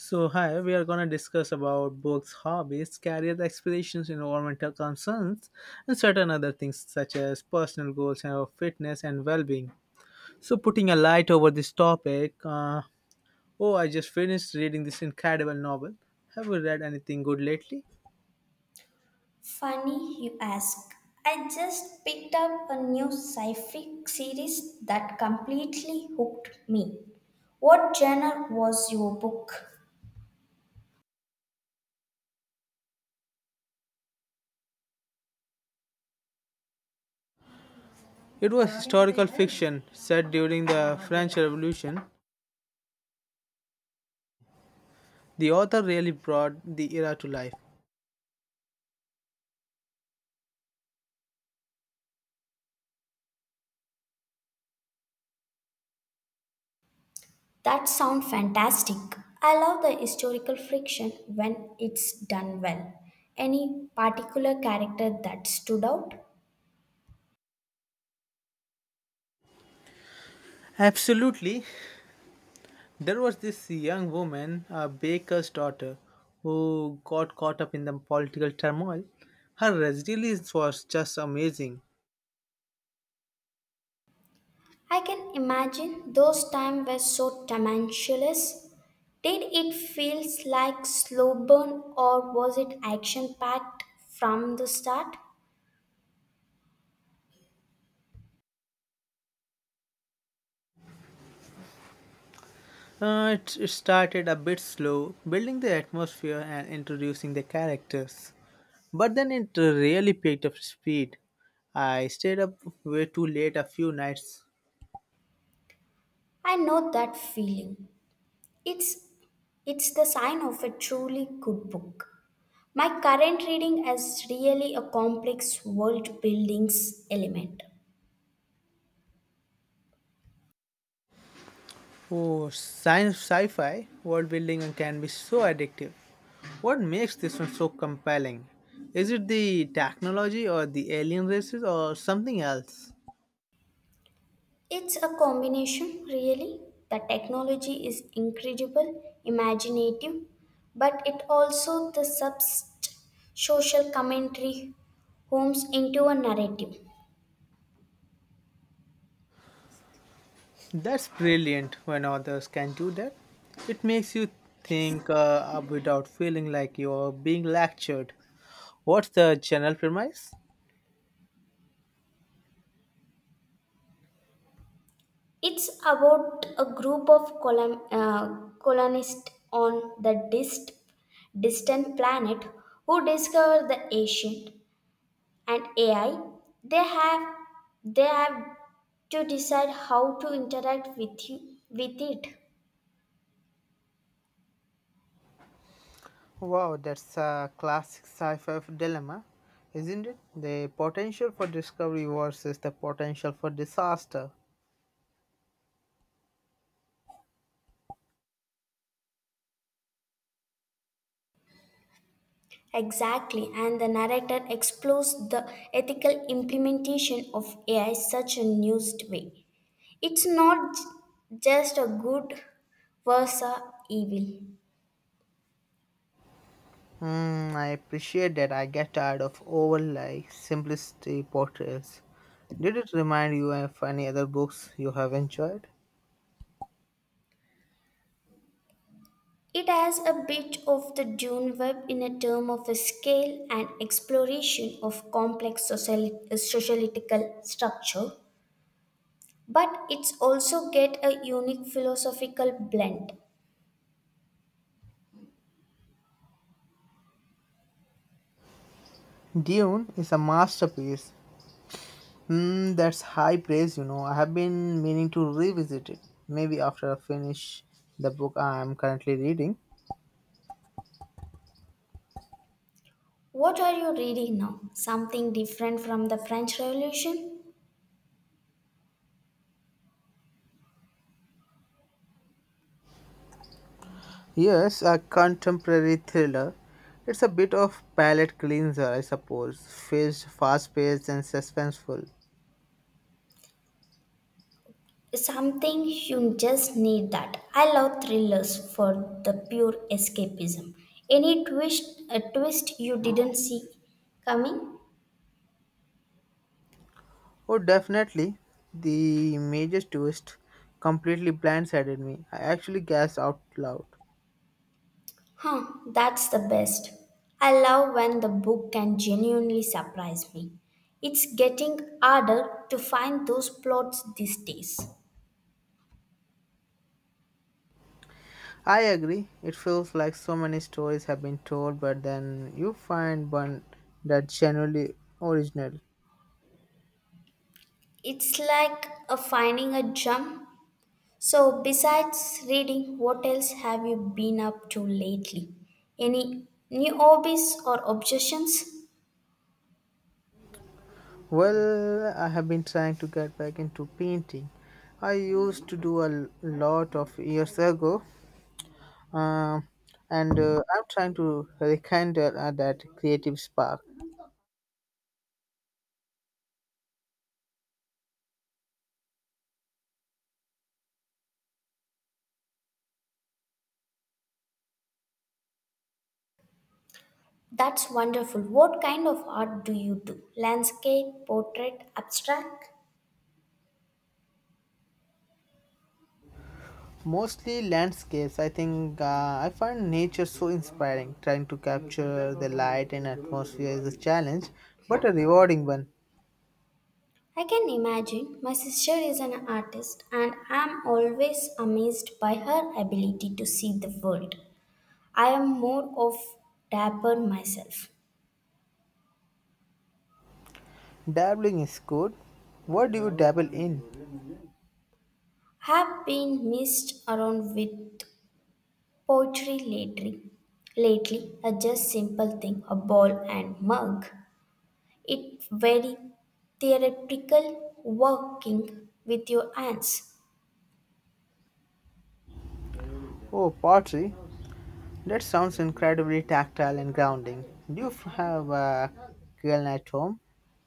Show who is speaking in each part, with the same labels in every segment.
Speaker 1: So, hi, we are going to discuss about books, hobbies, career aspirations, environmental concerns, and certain other things such as personal goals and our fitness and well-being. So, putting a light over this topic, oh, I just finished reading this incredible novel. Have you read anything good lately?
Speaker 2: Funny you ask. I just picked up a new sci fi series that completely hooked me. What genre was your book?
Speaker 1: It was historical fiction set during the French Revolution. The author really brought the era to life.
Speaker 2: That sounds fantastic. I love the historical fiction when it's done well. Any particular character that stood out?
Speaker 1: Absolutely. There was this young woman, a baker's daughter, who got caught up in the political turmoil. Her resilience was just amazing.
Speaker 2: I can imagine those times were so tumultuous. Did it feel like slow burn or was it action packed from the start?
Speaker 1: It started a bit slow, building the atmosphere and introducing the characters. But then it really picked up speed. I stayed up way too late a few nights.
Speaker 2: I know that feeling. It's it's the sign of a truly good book. My current reading is really a complex world buildings element.
Speaker 1: Oh, science sci-fi world building and can be so addictive. What makes this one so compelling? Is it the technology or the alien races or something else?
Speaker 2: It's a combination really. The technology is incredible, imaginative, but it also the subst social commentary homes into a narrative.
Speaker 1: That's brilliant when others can do that. It makes you think up without feeling like you're being lectured. What's the general premise?
Speaker 2: It's about a group of colonists on the distant planet who discover the ancient and AI. They have they have to decide how to interact with you, with it.
Speaker 1: Wow, that's a classic sci fi dilemma, isn't it? The potential for discovery versus the potential for disaster.
Speaker 2: Exactly, and the narrator explores the ethical implementation of AI such a nuanced way. It's not just a good versus evil.
Speaker 1: Hmm, I appreciate that I get tired of overly simplicity portrayals. Did it remind you of any other books you have enjoyed?
Speaker 2: It has a bit of the Dune web in a term of a scale and exploration of complex sociological structure, but it's also get a unique philosophical blend.
Speaker 1: Dune is a masterpiece. Hmm, that's high praise, you know. I have been meaning to revisit it. Maybe after I finish the book I am currently reading.
Speaker 2: What are you reading now? Something different from the French Revolution?
Speaker 1: Yes, a contemporary thriller. It's a bit of palate cleanser, I suppose. Fast-paced and suspenseful.
Speaker 2: Something you just need that. I love thrillers for the pure escapism. A twist you didn't see coming?
Speaker 1: Oh, definitely. The major twist completely blindsided me. I actually gasped out loud.
Speaker 2: Huh, that's the best. I love when the book can genuinely surprise me. It's getting harder to find those plots these days.
Speaker 1: I agree. It feels like so many stories have been told, but then you find one that's genuinely original.
Speaker 2: It's like a finding a gem. So, besides reading, what else have you been up to lately? Any new hobbies or obsessions?
Speaker 1: Well, I have been trying to get back into painting. I used to do a lot of years ago, um, and I'm trying to rekindle that creative spark.
Speaker 2: That's wonderful. What kind of art do you do? Landscape, portrait, abstract?
Speaker 1: Mostly landscapes. I think I find nature so inspiring. Trying to capture the light and atmosphere is a challenge, but a rewarding one.
Speaker 2: I can imagine. My sister is an artist, and I'm always amazed by her ability to see the world. I am more of dapper myself.
Speaker 1: Dabbling is good. What do you dabble in?
Speaker 2: Have been messed around with poetry lately. Lately, a just simple thing, a ball and mug. It very theoretical working with your hands.
Speaker 1: Oh, pottery. That sounds incredibly tactile and grounding. Do have a kiln at home,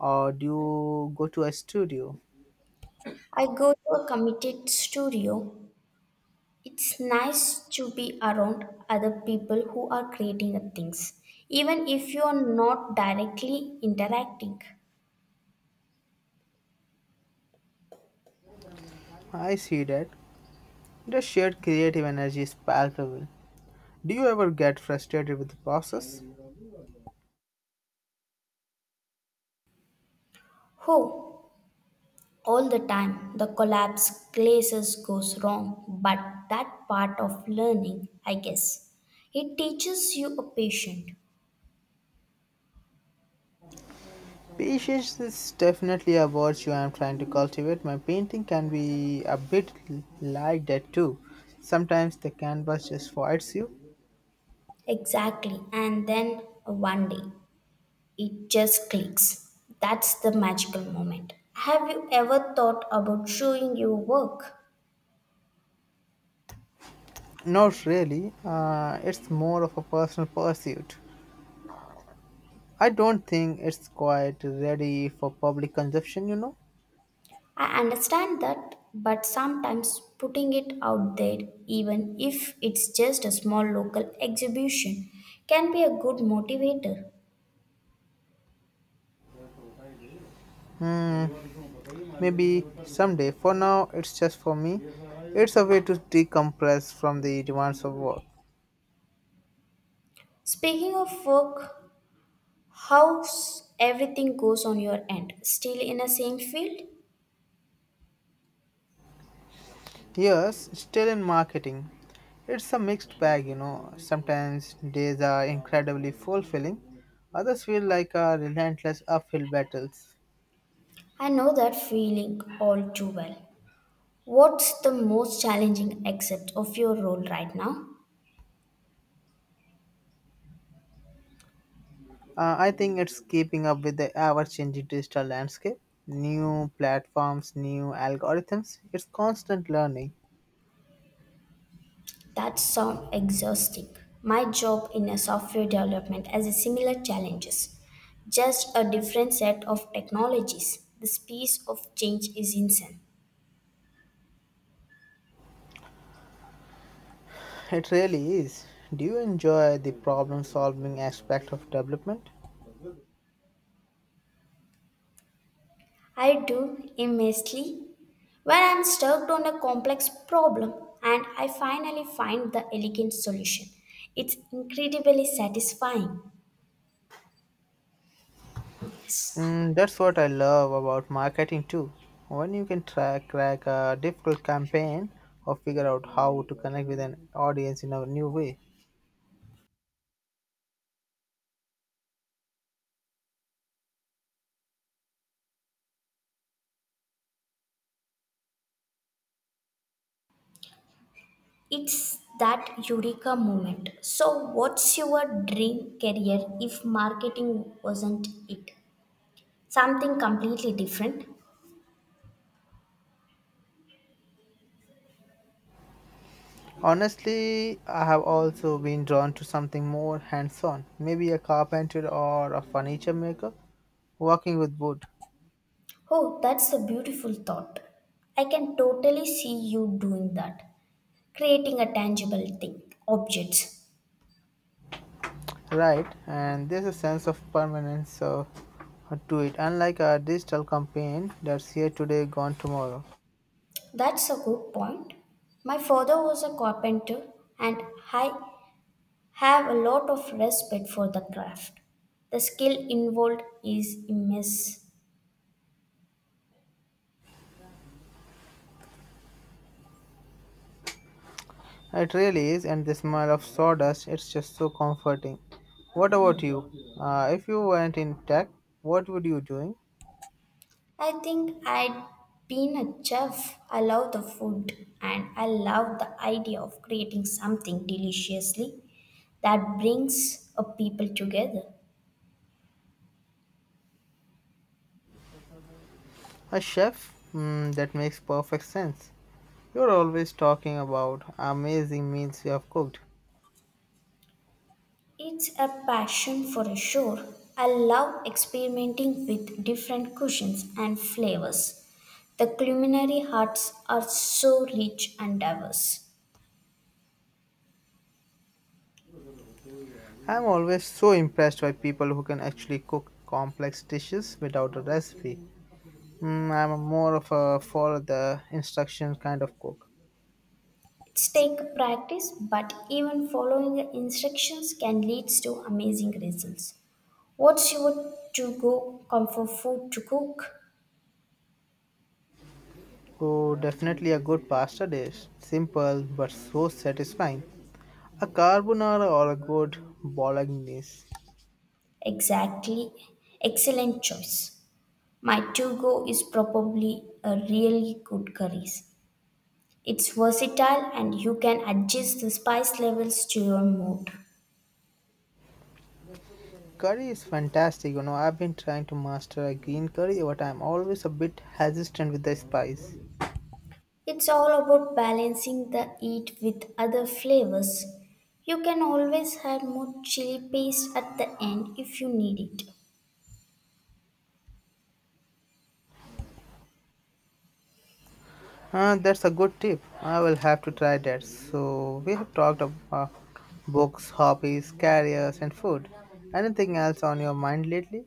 Speaker 1: or do you go to a studio?
Speaker 2: I go to a committed studio. It's nice to be around other people who are creating the things, even if you are not directly interacting.
Speaker 1: I see that. The shared creative energy is palpable. Do you ever get frustrated with the process?
Speaker 2: Oh, all the time the collapse glazes goes wrong, but that part of learning, I guess. It teaches you a patient.
Speaker 1: Patience is definitely a virtue I'm trying to cultivate. My painting can be a bit like that too. Sometimes the canvas just fights you.
Speaker 2: Exactly, and then one day it just clicks. That's the magical moment. Have you ever thought about showing your work?
Speaker 1: Not really, it's more of a personal pursuit. I don't think it's quite ready for public consumption.
Speaker 2: I understand that, but sometimes putting it out there, even if it's just a small local exhibition, can be a good motivator.
Speaker 1: Maybe someday. For now, it's just for me. It's a way to decompress from the demands of work.
Speaker 2: Speaking of work, how's everything goes on your end? Still in the same field?
Speaker 1: Yes, still in marketing. It's a mixed bag. Sometimes days are incredibly fulfilling, others feel like a relentless uphill battles.
Speaker 2: I know that feeling all too well. What's the most challenging aspect of your role right now?
Speaker 1: I think it's keeping up with the ever changing digital landscape. New platforms, new algorithms. It's constant learning.
Speaker 2: That sounds exhausting. My job in a software development has a similar challenges. Just a different set of technologies. The speed of change is insane.
Speaker 1: It really is. Do you enjoy the problem solving aspect of development?
Speaker 2: I do immensely when I'm stuck on a complex problem and I finally find the elegant solution. It's incredibly satisfying.
Speaker 1: Mm, that's what I love about marketing too. When you can try, crack a difficult campaign or figure out how to connect with an audience in a new way.
Speaker 2: It's that eureka moment. So, what's your dream career if marketing wasn't it? Something completely different.
Speaker 1: Honestly, I have also been drawn to something more hands on, maybe a carpenter or a furniture maker, working with wood.
Speaker 2: Oh, that's a beautiful thought. I can totally see you doing that, creating a tangible thing, objects.
Speaker 1: Right, and there's a sense of permanence to it, unlike a digital campaign that's here today, gone tomorrow.
Speaker 2: That's a good point. My father was a carpenter, and I have a lot of respect for the craft. The skill involved is immense.
Speaker 1: It really is, and the smell of sawdust, it's just so comforting. What about you? If you weren't in tech, what would you doing?
Speaker 2: I think I'd been a chef. I love the food and I love the idea of creating something deliciously that brings a people together.
Speaker 1: A chef? Mm, that makes perfect sense. You're always talking about amazing meals you have cooked.
Speaker 2: It's a passion for sure. I love experimenting with different cuisines and flavors. The culinary arts are so rich and diverse.
Speaker 1: I'm always so impressed by people who can actually cook complex dishes without a recipe. Mm, I'm more of a follow the instruction kind of cook.
Speaker 2: It's take practice, but even following the instructions can lead to amazing results. What's your to go comfort food to cook?
Speaker 1: Oh, definitely a good pasta dish. Simple but so satisfying. A carbonara or a good bolognese.
Speaker 2: Exactly. Excellent choice. My to go is probably a really good curries. It's versatile and you can adjust the spice levels to your mood.
Speaker 1: Curry is fantastic. I've been trying to master a green curry, but I'm always a bit hesitant with the spice.
Speaker 2: It's all about balancing the heat with other flavors. You can always add more chili paste at the end if you need it.
Speaker 1: That's a good tip. I will have to try that. So, we have talked about books, hobbies, careers, and food. Anything else on your mind lately?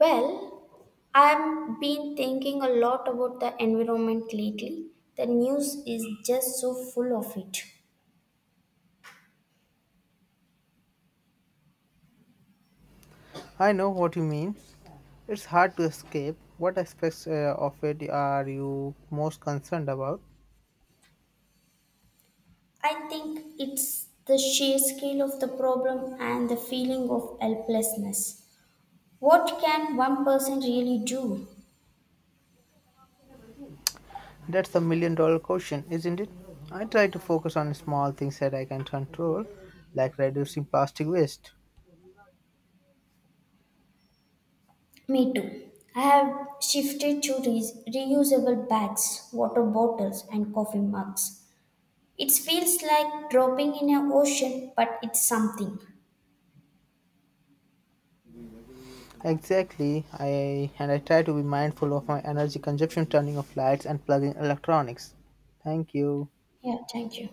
Speaker 2: Well, I've been thinking a lot about the environment lately. The news is just so full of it.
Speaker 1: I know what you mean. It's hard to escape. What aspects of it are you most concerned about?
Speaker 2: I think it's the sheer scale of the problem and the feeling of helplessness. What can one person really do?
Speaker 1: That's the million dollar question, isn't it? I try to focus on small things that I can control, like reducing plastic waste.
Speaker 2: Me too. I have shifted to reusable bags, water bottles, and coffee mugs. It feels like dropping in an ocean, but it's something.
Speaker 1: Exactly, I and I try to be mindful of my energy consumption, turning off lights and plugging electronics. Thank you.
Speaker 2: Yeah, thank you.